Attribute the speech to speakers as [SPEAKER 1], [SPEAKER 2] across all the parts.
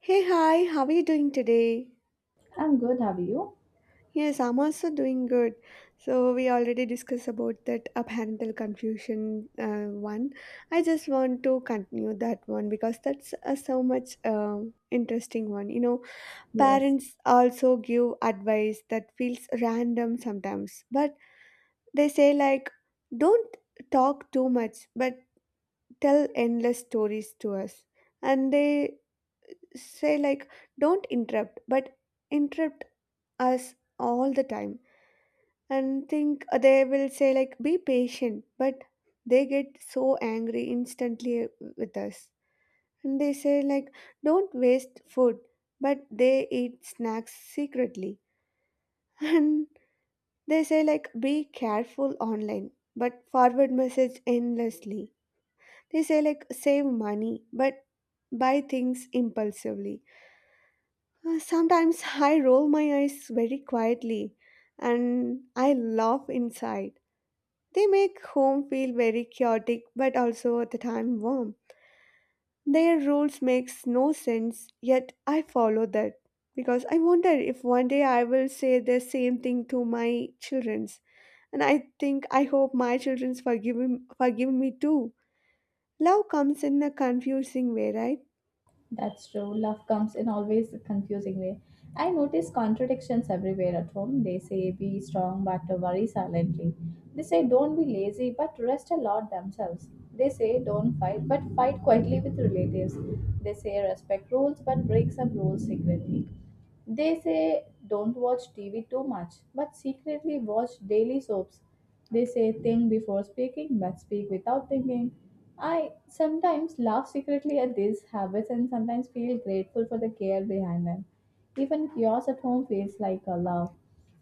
[SPEAKER 1] Hey, hi, how are you doing today?
[SPEAKER 2] I'm good, have you?
[SPEAKER 1] Yes, I'm also doing good. So, we already discussed about that parental confusion one. I just want to continue that one because that's a so much interesting one. You know,
[SPEAKER 2] Yes.
[SPEAKER 1] parents also give advice that feels random sometimes, but they say, like, don't talk too much, but tell endless stories to us. And they say, like, don't interrupt, but interrupt us all the time and think they will say like be patient but they get so angry instantly with us, and they say like don't waste food but they eat snacks secretly and they say like be careful online but forward message endlessly. They say like save money but buy things impulsively. Sometimes I roll my eyes very quietly and I laugh inside. They make home feel very chaotic but also at the time warm. Their rules makes no sense, yet I follow that because I wonder if one day I will say the same thing to my children's. And I think I hope my children's forgive me too. Love comes in a confusing way, right?
[SPEAKER 2] That's true. Love comes in always a confusing way. I notice contradictions everywhere at home. They say be strong but worry silently. They say don't be lazy but rest a lot themselves. They say don't fight but fight quietly with relatives. They say respect rules but break some rules secretly. They say don't watch TV too much, but secretly watch daily soaps. They say think before speaking, but speak without thinking. I sometimes laugh secretly at these habits and sometimes feel grateful for the care behind them. Even chaos at home feels like a love.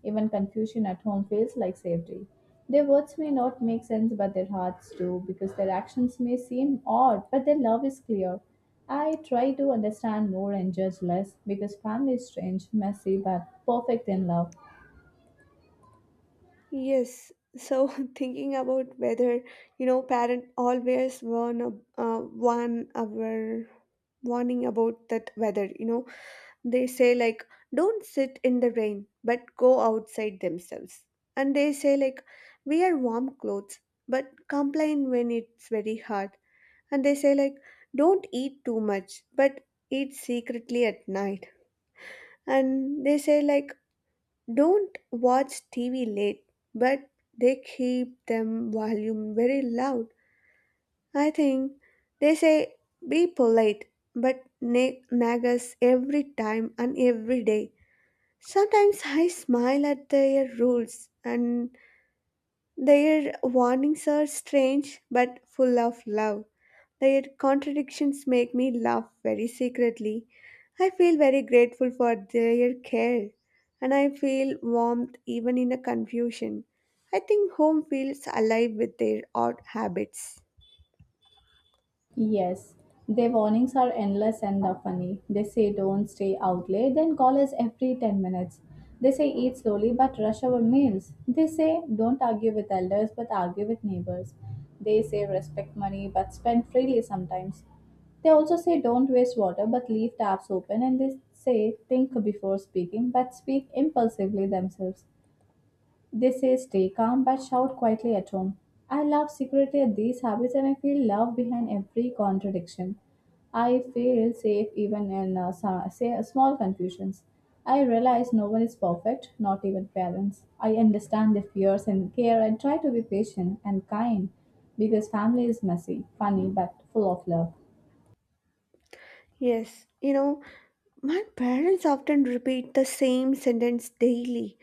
[SPEAKER 2] Even confusion at home feels like safety. Their words may not make sense, but their hearts do, because their actions may seem odd, but their love is clear. I try to understand more and judge less, because family is strange, messy, but perfect in love.
[SPEAKER 1] Yes. So thinking about whether you know parent always warn our warning about that weather, you know. They say like don't sit in the rain but go outside themselves. And they say like wear warm clothes but complain when it's very hot. And they say like don't eat too much but eat secretly at night. And they say like don't watch TV late but they keep them volume very loud. I think they say be polite but nag us every time and every day. Sometimes I smile at their rules, and their warnings are strange but full of love. Their contradictions make me laugh very secretly. I feel very grateful for their care, and I feel warmth even in a confusion. I think home feels alive with their odd habits.
[SPEAKER 2] Yes, their warnings are endless and are funny. They say don't stay out late, then call us every 10 minutes. They say eat slowly but rush our meals. They say don't argue with elders but argue with neighbors. They say respect money but spend freely sometimes. They also say don't waste water but leave taps open and they say think before speaking but speak impulsively themselves. They say stay calm but shout quietly at home. I laugh secretly at these habits and I feel love behind every contradiction. I feel safe even in small confusions. I realize no one is perfect, not even parents. I understand their fears and care and try to be patient and kind because family is messy, funny, but full of love.
[SPEAKER 1] Yes, you know, my parents often repeat the same sentence daily.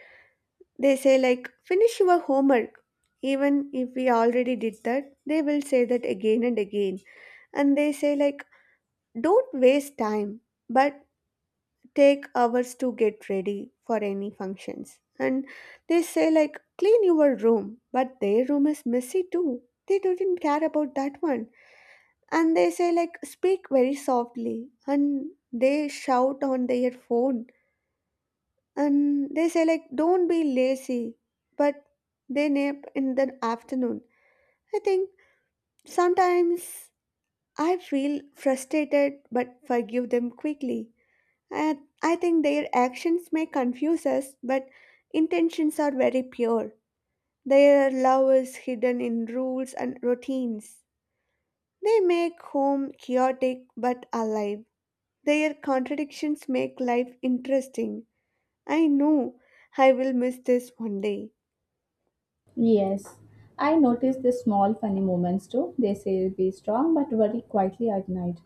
[SPEAKER 1] They say, like, finish your homework. Even if we already did that, they will say that again and again. And they say, like, don't waste time, but take hours to get ready for any functions. And they say, like, clean your room, but their room is messy too. They didn't care about that one. And they say, like, speak very softly. And they shout on their phone, and they say like don't be lazy but they nap in the afternoon. I think sometimes I feel frustrated but forgive them quickly, and I think their actions may confuse us but intentions are very pure. Their love is hidden in rules and routines. They make home chaotic but alive. Their contradictions make life interesting. I know I will miss this one day.
[SPEAKER 2] Yes, I notice the small funny moments too. They say be strong but worry quietly at night.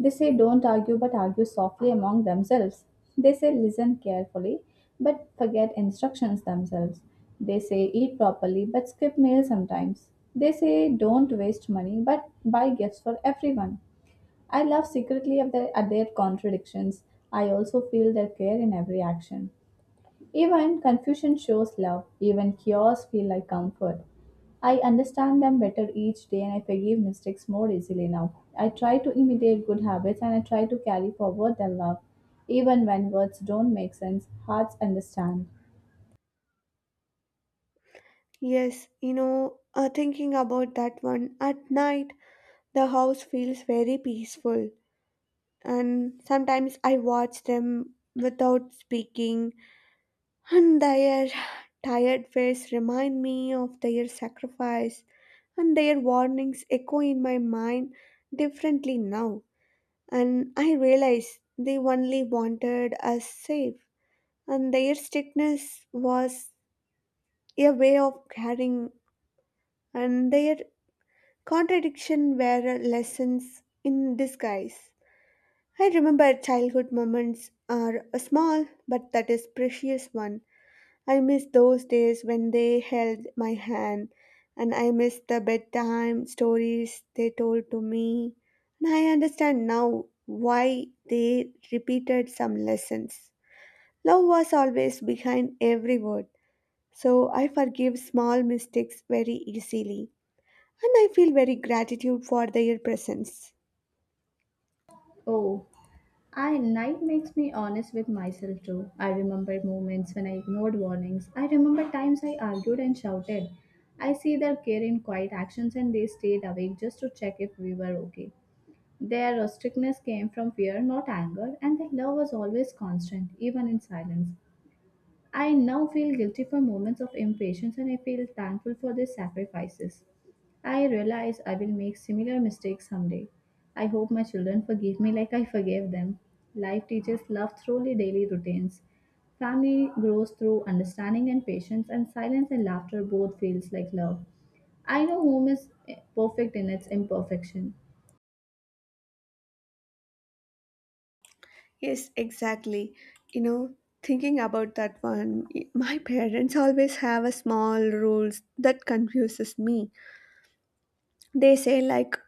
[SPEAKER 2] They say don't argue but argue softly among themselves. They say listen carefully but forget instructions themselves. They say eat properly but skip meals sometimes. They say don't waste money but buy gifts for everyone. I love secretly at their contradictions. I also feel their care in every action. Even confusion shows love, even chaos feel like comfort. I understand them better each day and I forgive mistakes more easily now. I try to imitate good habits and I try to carry forward their love. Even when words don't make sense, hearts understand.
[SPEAKER 1] Yes, you know, thinking about that one, at night the house feels very peaceful, and sometimes I watch them without speaking, and their tired face remind me of their sacrifice, and their warnings echo in my mind differently now, and I realize they only wanted us safe, and their strictness was a way of caring, and their contradiction were lessons in disguise. I remember childhood moments are a small, but that is precious one. I miss those days when they held my hand, and I miss the bedtime stories they told to me. And I understand now why they repeated some lessons. Love was always behind every word, so I forgive small mistakes very easily, and I feel very gratitude for their presence.
[SPEAKER 2] Oh, I night makes me honest with myself too. I remember moments when I ignored warnings. I remember times I argued and shouted. I see their care in quiet actions and they stayed awake just to check if we were okay. Their rusticness came from fear, not anger, and their love was always constant, even in silence. I now feel guilty for moments of impatience and I feel thankful for their sacrifices. I realize I will make similar mistakes someday. I hope my children forgive me like I forgave them. Life teaches love through the daily routines. Family grows through understanding and patience, and silence and laughter both feels like love. I know home is perfect in its imperfection.
[SPEAKER 1] Yes, exactly. You know, thinking about that one, my parents always have a small rules that confuses me. They say like,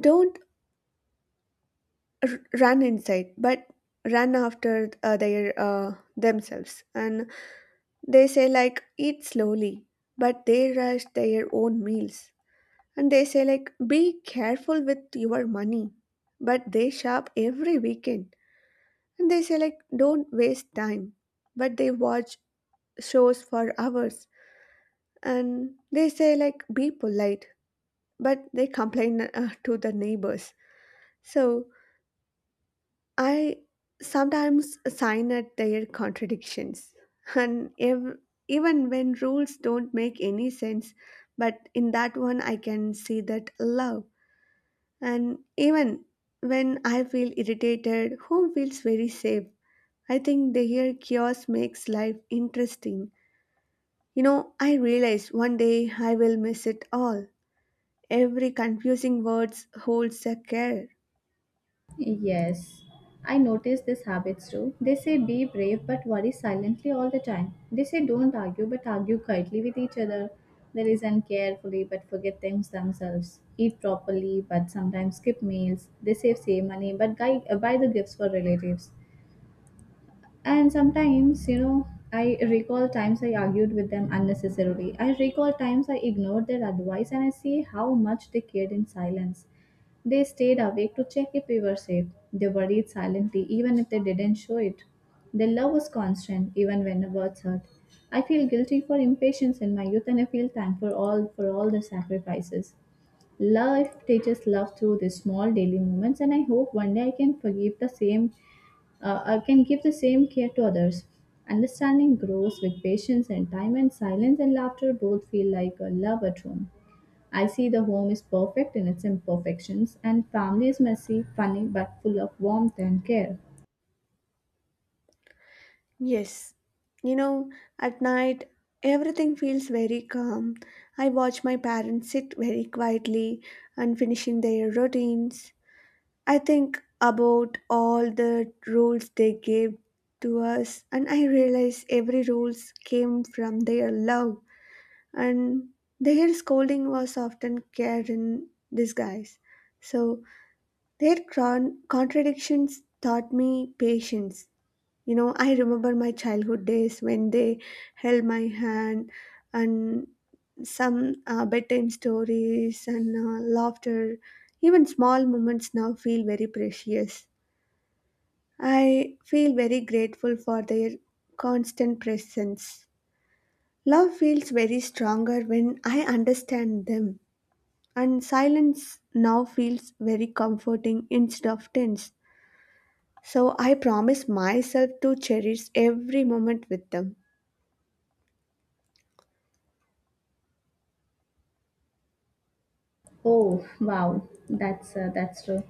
[SPEAKER 1] don't run inside, but run after their themselves, and they say like, eat slowly, but they rush their own meals, and they say like, be careful with your money, but they shop every weekend, and they say like, don't waste time, but they watch shows for hours, and they say like be polite but they complain to the neighbors. So I sometimes sign at their contradictions, and even when rules don't make any sense, but in that one I can see that love. And even when I feel irritated, home feels very safe. I think the here chaos makes life interesting. You know, I realized one day I will miss it all. Every confusing words holds a care.
[SPEAKER 2] Yes, I notice these habits too. They say be brave but worry silently all the time. They say don't argue but argue quietly with each other. They listen carefully but forget things themselves. Eat properly but sometimes skip meals. They save money but buy the gifts for relatives. And sometimes, you know, I recall times I argued with them unnecessarily. I recall times I ignored their advice and I see how much they cared in silence. They stayed awake to check if we were safe. They worried silently, even if they didn't show it. Their love was constant, even when the words hurt. I feel guilty for impatience in my youth, and I feel thankful all for all the sacrifices. Life teaches love through these small daily moments, and I hope one day I can forgive the same, I can give the same care to others. Understanding grows with patience and time, and silence and laughter both feel like a love at home. I see the home is perfect in its imperfections, and family is messy, funny, but full of warmth and care.
[SPEAKER 1] Yes. You know, at night everything feels very calm. I watch my parents sit very quietly and finishing their routines. I think about all the rules they gave to us, and I realize every rules came from their love, and their scolding was often care in disguise. So their contradictions taught me patience. You know, I remember my childhood days when they held my hand and some bedtime stories and laughter. Even small moments now feel very precious. I feel very grateful for their constant presence. Love feels very stronger when I understand them, and silence now feels very comforting instead of tense. So I promise myself to cherish every moment with them.
[SPEAKER 2] Oh, wow, that's true.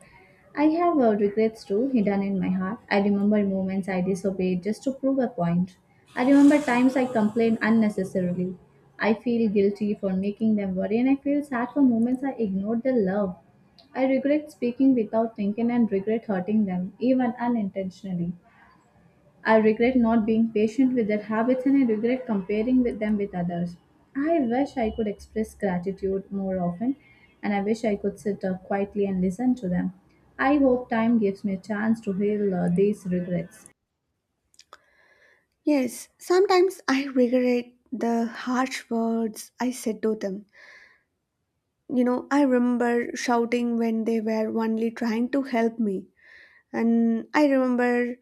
[SPEAKER 2] I have regrets too hidden in my heart. I remember moments I disobeyed just to prove a point. I remember times I complained unnecessarily. I feel guilty for making them worry, and I feel sad for moments I ignored their love. I regret speaking without thinking and regret hurting them, even unintentionally. I regret not being patient with their habits and I regret comparing with them with others. I wish I could express gratitude more often and I wish I could sit up quietly and listen to them. I hope time gives me a chance to heal these regrets.
[SPEAKER 1] Yes, sometimes I regret the harsh words I said to them. You know, I remember shouting when they were only trying to help me, and I remember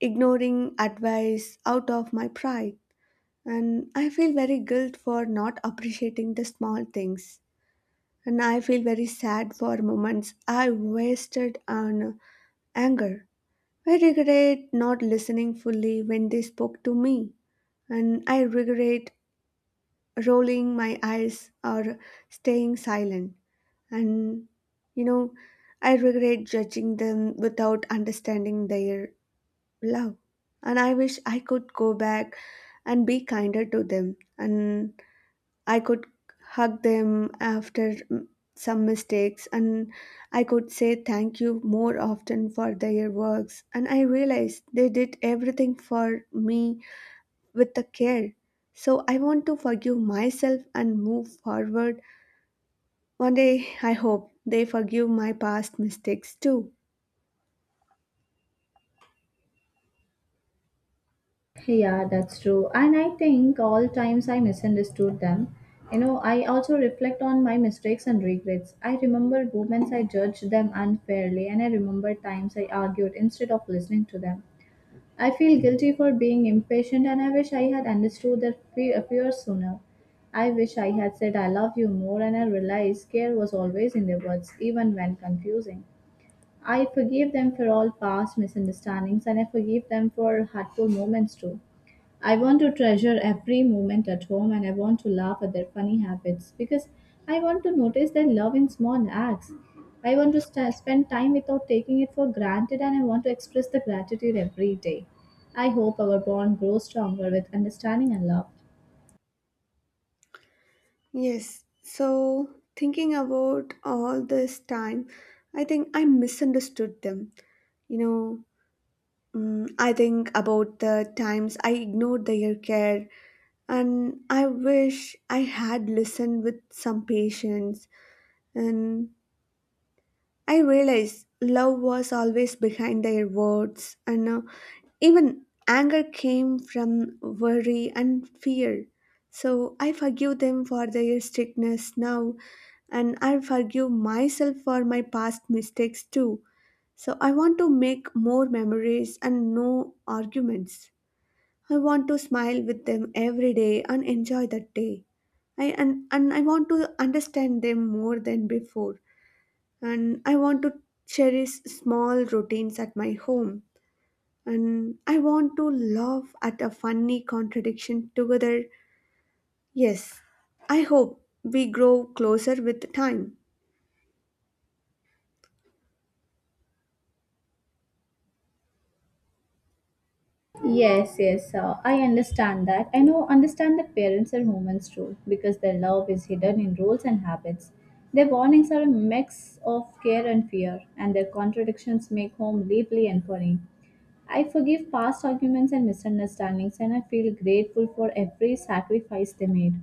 [SPEAKER 1] ignoring advice out of my pride. And I feel very guilt for not appreciating the small things. And I feel very sad for moments I wasted on anger. I regret not listening fully when they spoke to me, and I regret rolling my eyes or staying silent. And you know, I regret judging them without understanding their love. And I wish I could go back and be kinder to them, and I could hug them after some mistakes, and I could say thank you more often for their works. And I realized they did everything for me with the care. So I want to forgive myself and move forward. One day I hope they forgive my past mistakes too.
[SPEAKER 2] Yeah, that's true. And I think all times I misunderstood them. You know, I also reflect on my mistakes and regrets. I remember moments I judged them unfairly, and I remember times I argued instead of listening to them. I feel guilty for being impatient and I wish I had understood their fear sooner. I wish I had said I love you more and I realized care was always in their words, even when confusing. I forgive them for all past misunderstandings and I forgive them for hurtful moments too. I want to treasure every moment at home and I want to laugh at their funny habits because I want to notice their love in small acts. I want to spend time without taking it for granted and I want to express the gratitude every day. I hope our bond grows stronger with understanding and love.
[SPEAKER 1] Yes. So thinking about all this time, I think I misunderstood them. You know, I think about the times I ignored their care, and I wish I had listened with some patience. And I realized love was always behind their words, and even anger came from worry and fear. So I forgive them for their strictness now, and I forgive myself for my past mistakes too. So I want to make more memories and no arguments. I want to smile with them every day and enjoy that day. I and I want to understand them more than before. And I want to cherish small routines at my home. And I want to laugh at a funny contradiction together. Yes. I hope we grow closer with time.
[SPEAKER 2] Yes, I understand that. I know, understand that parents are humans too, because their love is hidden in rules and habits. Their warnings are a mix of care and fear, and their contradictions make home lively and funny. I forgive past arguments and misunderstandings, and I feel grateful for every sacrifice they made.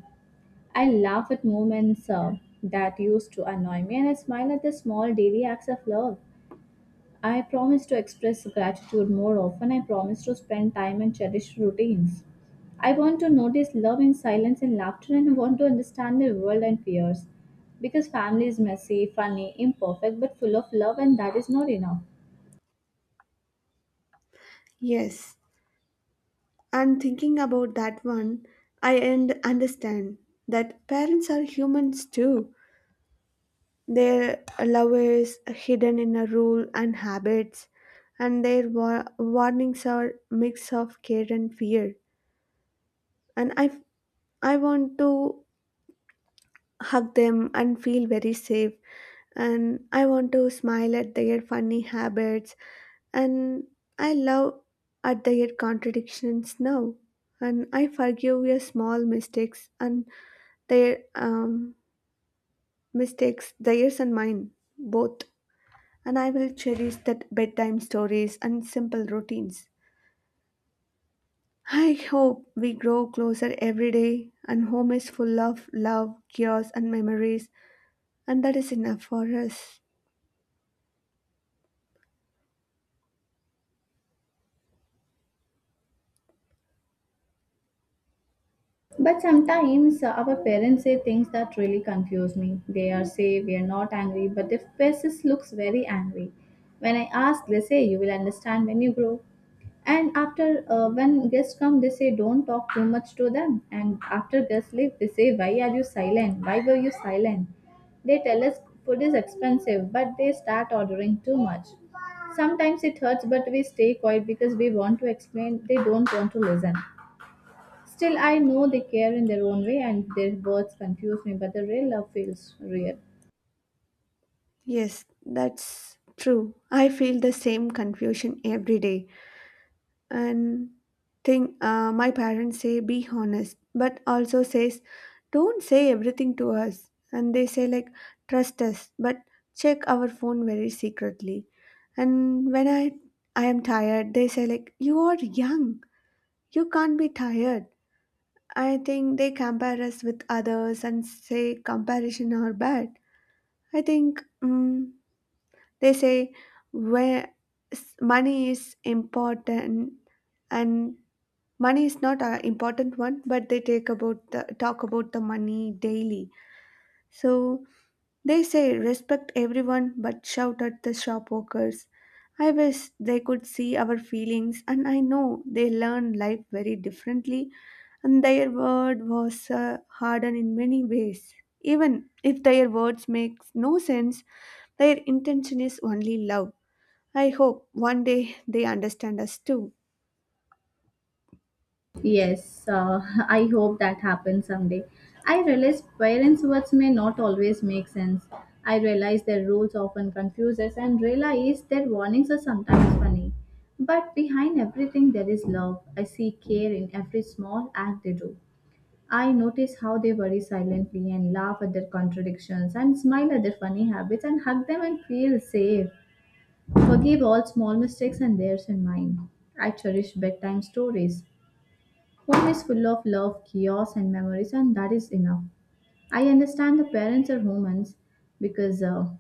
[SPEAKER 2] I laugh at moments that used to annoy me, and I smile at the small daily acts of love. I promise to express gratitude more often. I promise to spend time and cherish routines. I want to notice love in silence and laughter, and I want to understand the world and fears. Because family is messy, funny, imperfect, but full of love, and that is not enough.
[SPEAKER 1] Yes. And thinking about that one, I and understand that parents are humans too. Their love is hidden in a rule and habits, and their warnings are mix of care and fear. And I, I want to hug them and feel very safe. And I want to smile at their funny habits. And I love at their contradictions now. And I forgive your small mistakes and their mistakes, theirs and mine, both. And I will cherish that bedtime stories and simple routines. I hope we grow closer every day and home is full of love, chaos, and memories, and that is enough for us.
[SPEAKER 2] But sometimes our parents say things that really confuse me. They are say we are not angry, but their faces looks very angry. When I ask, they say you will understand when you grow. And after when guests come, they say don't talk too much to them. And after guests leave, they say why are you silent? Why were you silent? They tell us food is expensive, but they start ordering too much. Sometimes it hurts, but we stay quiet because we want to explain. They don't want to listen. Still, I know they care in their own way, and their words confuse me, but the real love feels real.
[SPEAKER 1] Yes, that's true. I feel the same confusion every day. And thing my parents say be honest but also says don't say everything to us, and they say like trust us but check our phone very secretly. And when I am tired, they say like you are young, you can't be tired. I think they compare us with others and say comparison are bad. I think they say where money is important, and money is not an important one, but they take about the talk about the money daily. So they say respect everyone but shout at the shop workers. I wish they could see our feelings, and I know they learn life very differently, and their word was hardened in many ways. Even if their words makes no sense, their intention is only love. I hope one day they understand us too.
[SPEAKER 2] Yes, I hope that happens someday. I realize parents' words may not always make sense. I realize their rules often confuse us and realize their warnings are sometimes funny. But behind everything, there is love. I see care in every small act they do. I notice how they worry silently and laugh at their contradictions and smile at their funny habits and hug them and feel safe. Forgive all small mistakes and theirs and mine. I cherish bedtime stories. Home is full of love, chaos, and memories, and that is enough. I understand the parents are humans because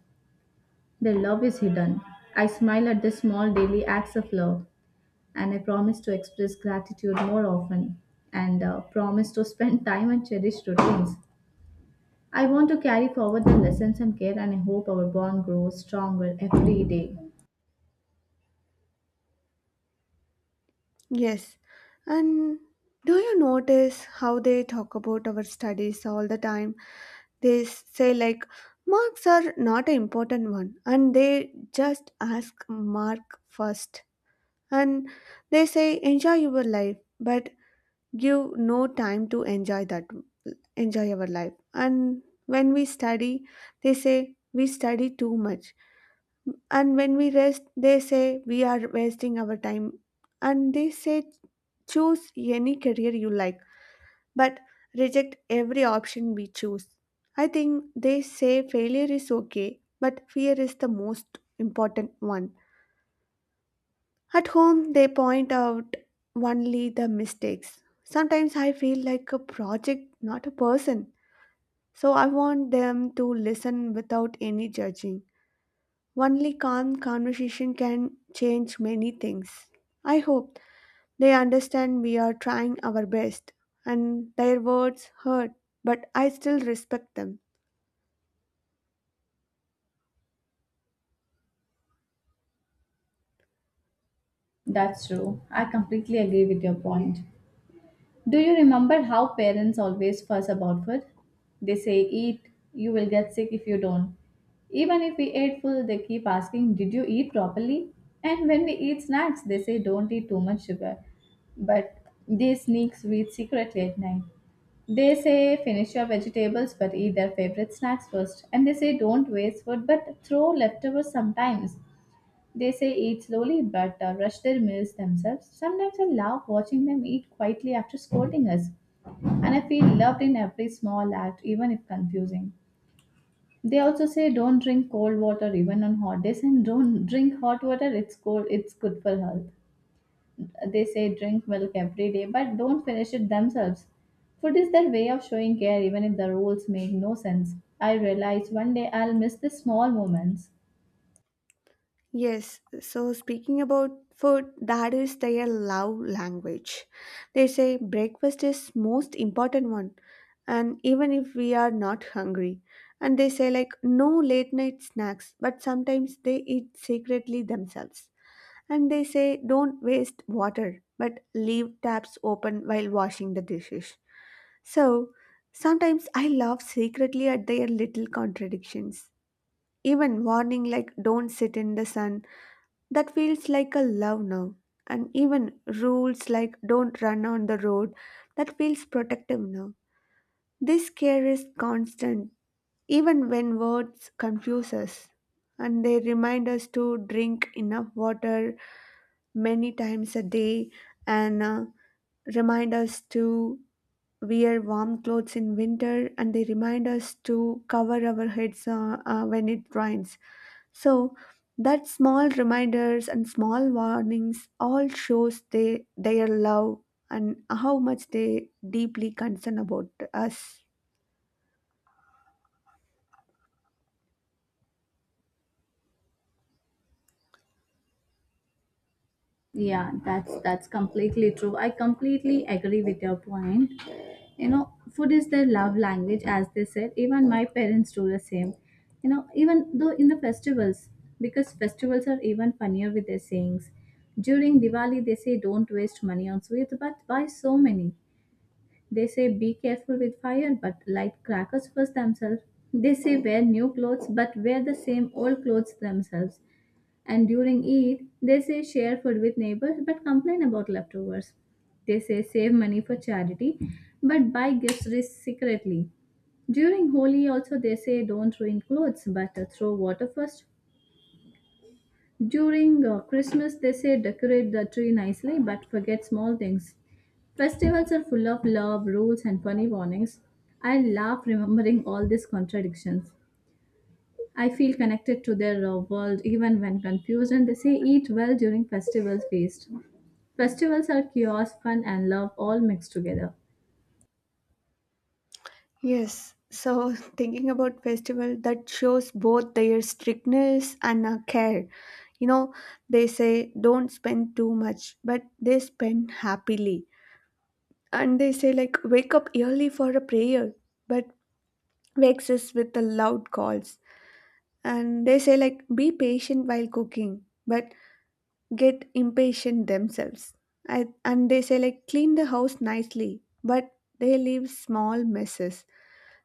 [SPEAKER 2] their love is hidden. I smile at the small daily acts of love, and I promise to express gratitude more often, and promise to spend time and cherish routines. I want to carry forward the lessons and care, and I hope our bond grows stronger every day.
[SPEAKER 1] Yes. And do you notice how they talk about our studies all the time? They say, like, marks are not an important one, and they just ask mark first. And they say, enjoy your life, but give no time to enjoy our life. And when we study, they say, we study too much. And when we rest, they say we are wasting our time. And they say choose any career you like, but reject every option we choose. I think they say failure is okay, but fear is the most important one. At home, they point out only the mistakes. Sometimes I feel like a project, not a person. So I want them to listen without any judging. Only calm conversation can change many things. I hope they understand we are trying our best and their words hurt, but I still respect them.
[SPEAKER 2] That's true. I completely agree with your point. Do you remember how parents always fuss about food? They say, "Eat, you will get sick if you don't." Even if we ate full, they keep asking, "Did you eat properly?" And when we eat snacks, they say, "Don't eat too much sugar." But they sneak sweets secretly at night. They say, "Finish your vegetables," but eat their favorite snacks first. And they say, "Don't waste food," but throw leftovers sometimes. They say eat slowly but rush their meals themselves. Sometimes I love watching them eat quietly after scolding us and I feel loved in every small act, even if confusing. They also say don't drink cold water even on hot days, and don't drink hot water, it's cold, it's good for health. They say drink milk every day, but don't finish it themselves. Food is their way of showing care, even if the rules make no sense. I realize one day I'll miss the small moments.
[SPEAKER 1] Yes, so speaking about food, that is their love language. They say breakfast is most important one and even if we are not hungry. And they say like no late night snacks, but sometimes they eat secretly themselves. And they say don't waste water, but leave taps open while washing the dishes. So sometimes I laugh secretly at their little contradictions. Even warning like don't sit in the sun, that feels like a love now. And even rules like don't run on the road, that feels protective now. This care is constant, even when words confuse us. And they remind us to drink enough water, many times a day and remind us to wear warm clothes in winter, and they remind us to cover our heads when it rains, so that small reminders and small warnings all shows they, their love and how much they deeply concern about us.
[SPEAKER 2] Yeah, that's completely true. I completely agree with your point. You know, food is their love language, as they said. Even my parents do the same, you know, even though in the festivals, because festivals are even funnier with their sayings. During Diwali, they say don't waste money on sweets but buy so many. They say be careful with fire but light crackers first themselves. They say wear new clothes but wear the same old clothes themselves. And during Eid, they say share food with neighbors but complain about leftovers. They say save money for charity but buy gifts secretly. During Holi, also, they say don't ruin clothes but throw water first. During Christmas, they say decorate the tree nicely but forget small things. Festivals are full of love, rules, and funny warnings. I laugh remembering all these contradictions. I feel connected to their world even when confused, and they say eat well during festival feast. Festivals are chaos, fun, and love all mixed together.
[SPEAKER 1] Yes, so thinking about festival that shows both their strictness and care. You know, they say don't spend too much, but they spend happily. And they say like wake up early for a prayer, but wakes us with the loud calls. And they say like be patient while cooking, but get impatient themselves. And they say like clean the house nicely, but they leave small messes.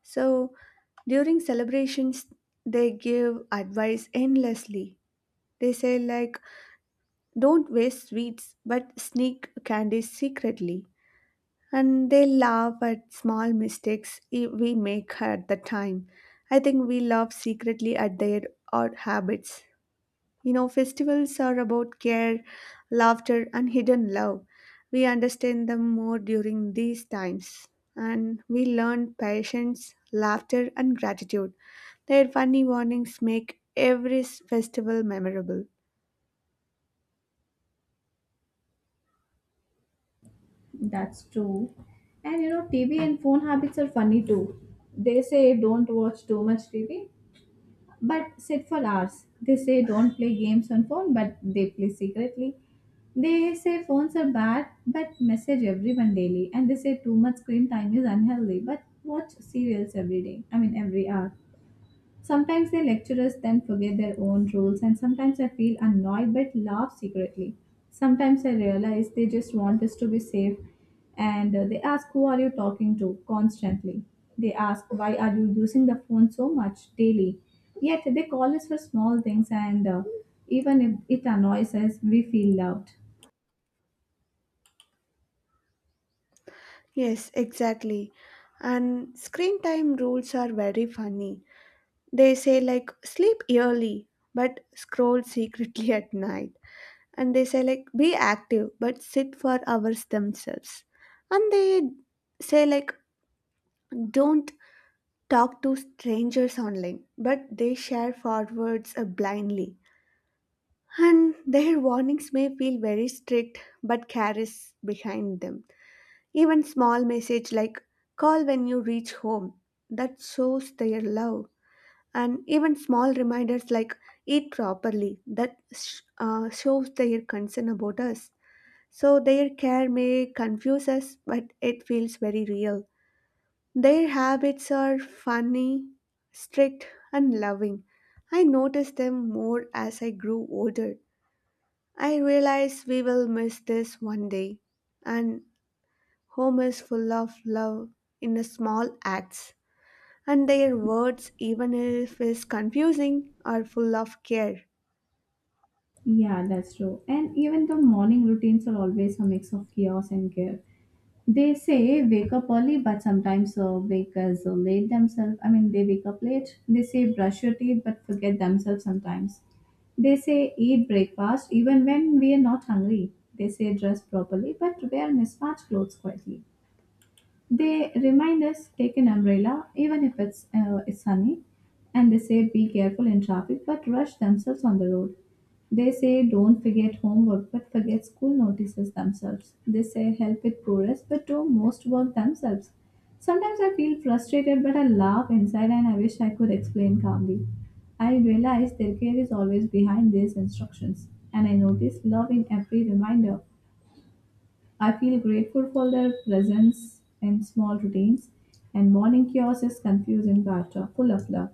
[SPEAKER 1] So during celebrations, they give advice endlessly. They say, like, don't waste sweets, but sneak candies secretly. And they laugh at small mistakes we make at the time. I think we laugh secretly at their odd habits. You know, festivals are about care, laughter, and hidden love. We understand them more during these times, and we learn patience, laughter, and gratitude. Their funny warnings make every festival memorable.
[SPEAKER 2] That's true. And you know, TV and phone habits are funny too. They say don't watch too much TV, but sit for hours. They say don't play games on phone, but they play secretly. They say phones are bad, but message everyone daily. And they say too much screen time is unhealthy, but watch serials every day. I mean, every hour. Sometimes their lecturers then forget their own rules, and sometimes I feel annoyed but laugh secretly. Sometimes I realize they just want us to be safe, and they ask, "Who are you talking to?" constantly. They ask, "Why are you using the phone so much daily?" Yet they call us for small things, and even if it annoys us, we feel loved.
[SPEAKER 1] Yes, exactly. And screen time rules are very funny. They say, like, sleep early, but scroll secretly at night. And they say like be active but sit for hours themselves, and they say like don't talk to strangers online but they share forwards blindly, and their warnings may feel very strict but care is behind them. Even small message like call when you reach home, that shows their love, and even small reminders like eat properly, that shows their concern about us. So their care may confuse us, but it feels very real. Their habits are funny, strict, and loving. I noticed them more as I grew older. I realize we will miss this one day. And home is full of love in the small acts. And their words, even if it's confusing, are full of care.
[SPEAKER 2] Yeah, that's true. And even the morning routines are always a mix of chaos and care. They say wake up early, but sometimes wake as late themselves. I mean, they wake up late. They say brush your teeth, but forget themselves sometimes. They say eat breakfast even when we are not hungry. They say dress properly, but wear mismatched clothes quietly. They remind us take an umbrella even if it's sunny, and they say be careful in traffic but rush themselves on the road. They say don't forget homework but forget school notices themselves. They say help with poorest but do most work themselves. Sometimes I feel frustrated but I laugh inside and I wish I could explain calmly. I realize their care is always behind these instructions and I notice love in every reminder. I feel grateful for their presence in small routines, and morning chaos is confusing but full of love.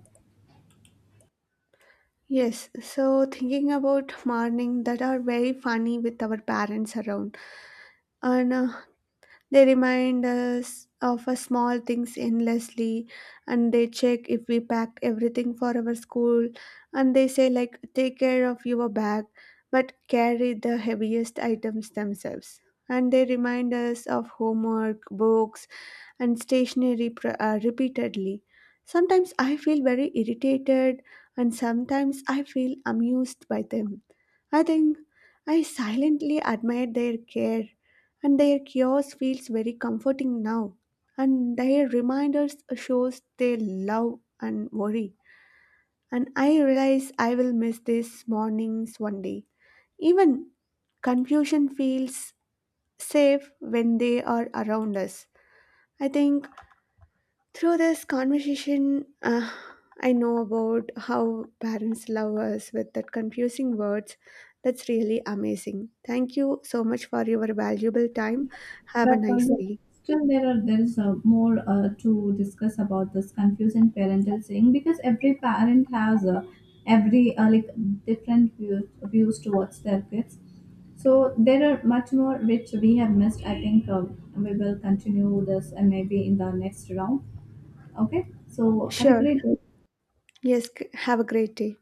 [SPEAKER 1] Yes, so thinking about morning that are very funny with our parents around. And they remind us of our small things endlessly, and they check if we packed everything for our school, and they say like take care of your bag but carry the heaviest items themselves. And they remind us of homework, books and stationery repeatedly. Sometimes I feel very irritated and sometimes I feel amused by them. I think I silently admired their care, and their chaos feels very comforting now. And their reminders shows their love and worry. And I realize I will miss these mornings one day. Even confusion feels safe when they are around us. I think through this conversation, I know about how parents love us with that confusing words. That's really amazing. Thank you so much for your valuable time. Have a
[SPEAKER 2] But
[SPEAKER 1] nice
[SPEAKER 2] yeah,
[SPEAKER 1] day.
[SPEAKER 2] still, there is more to discuss about this confusing parental saying, because every parent has every like different views towards their kids. So there are much more which we have missed. I think we will continue this, and maybe in the next round. Okay. So have a
[SPEAKER 1] Sure.
[SPEAKER 2] great day.
[SPEAKER 1] Yes. Have a great day.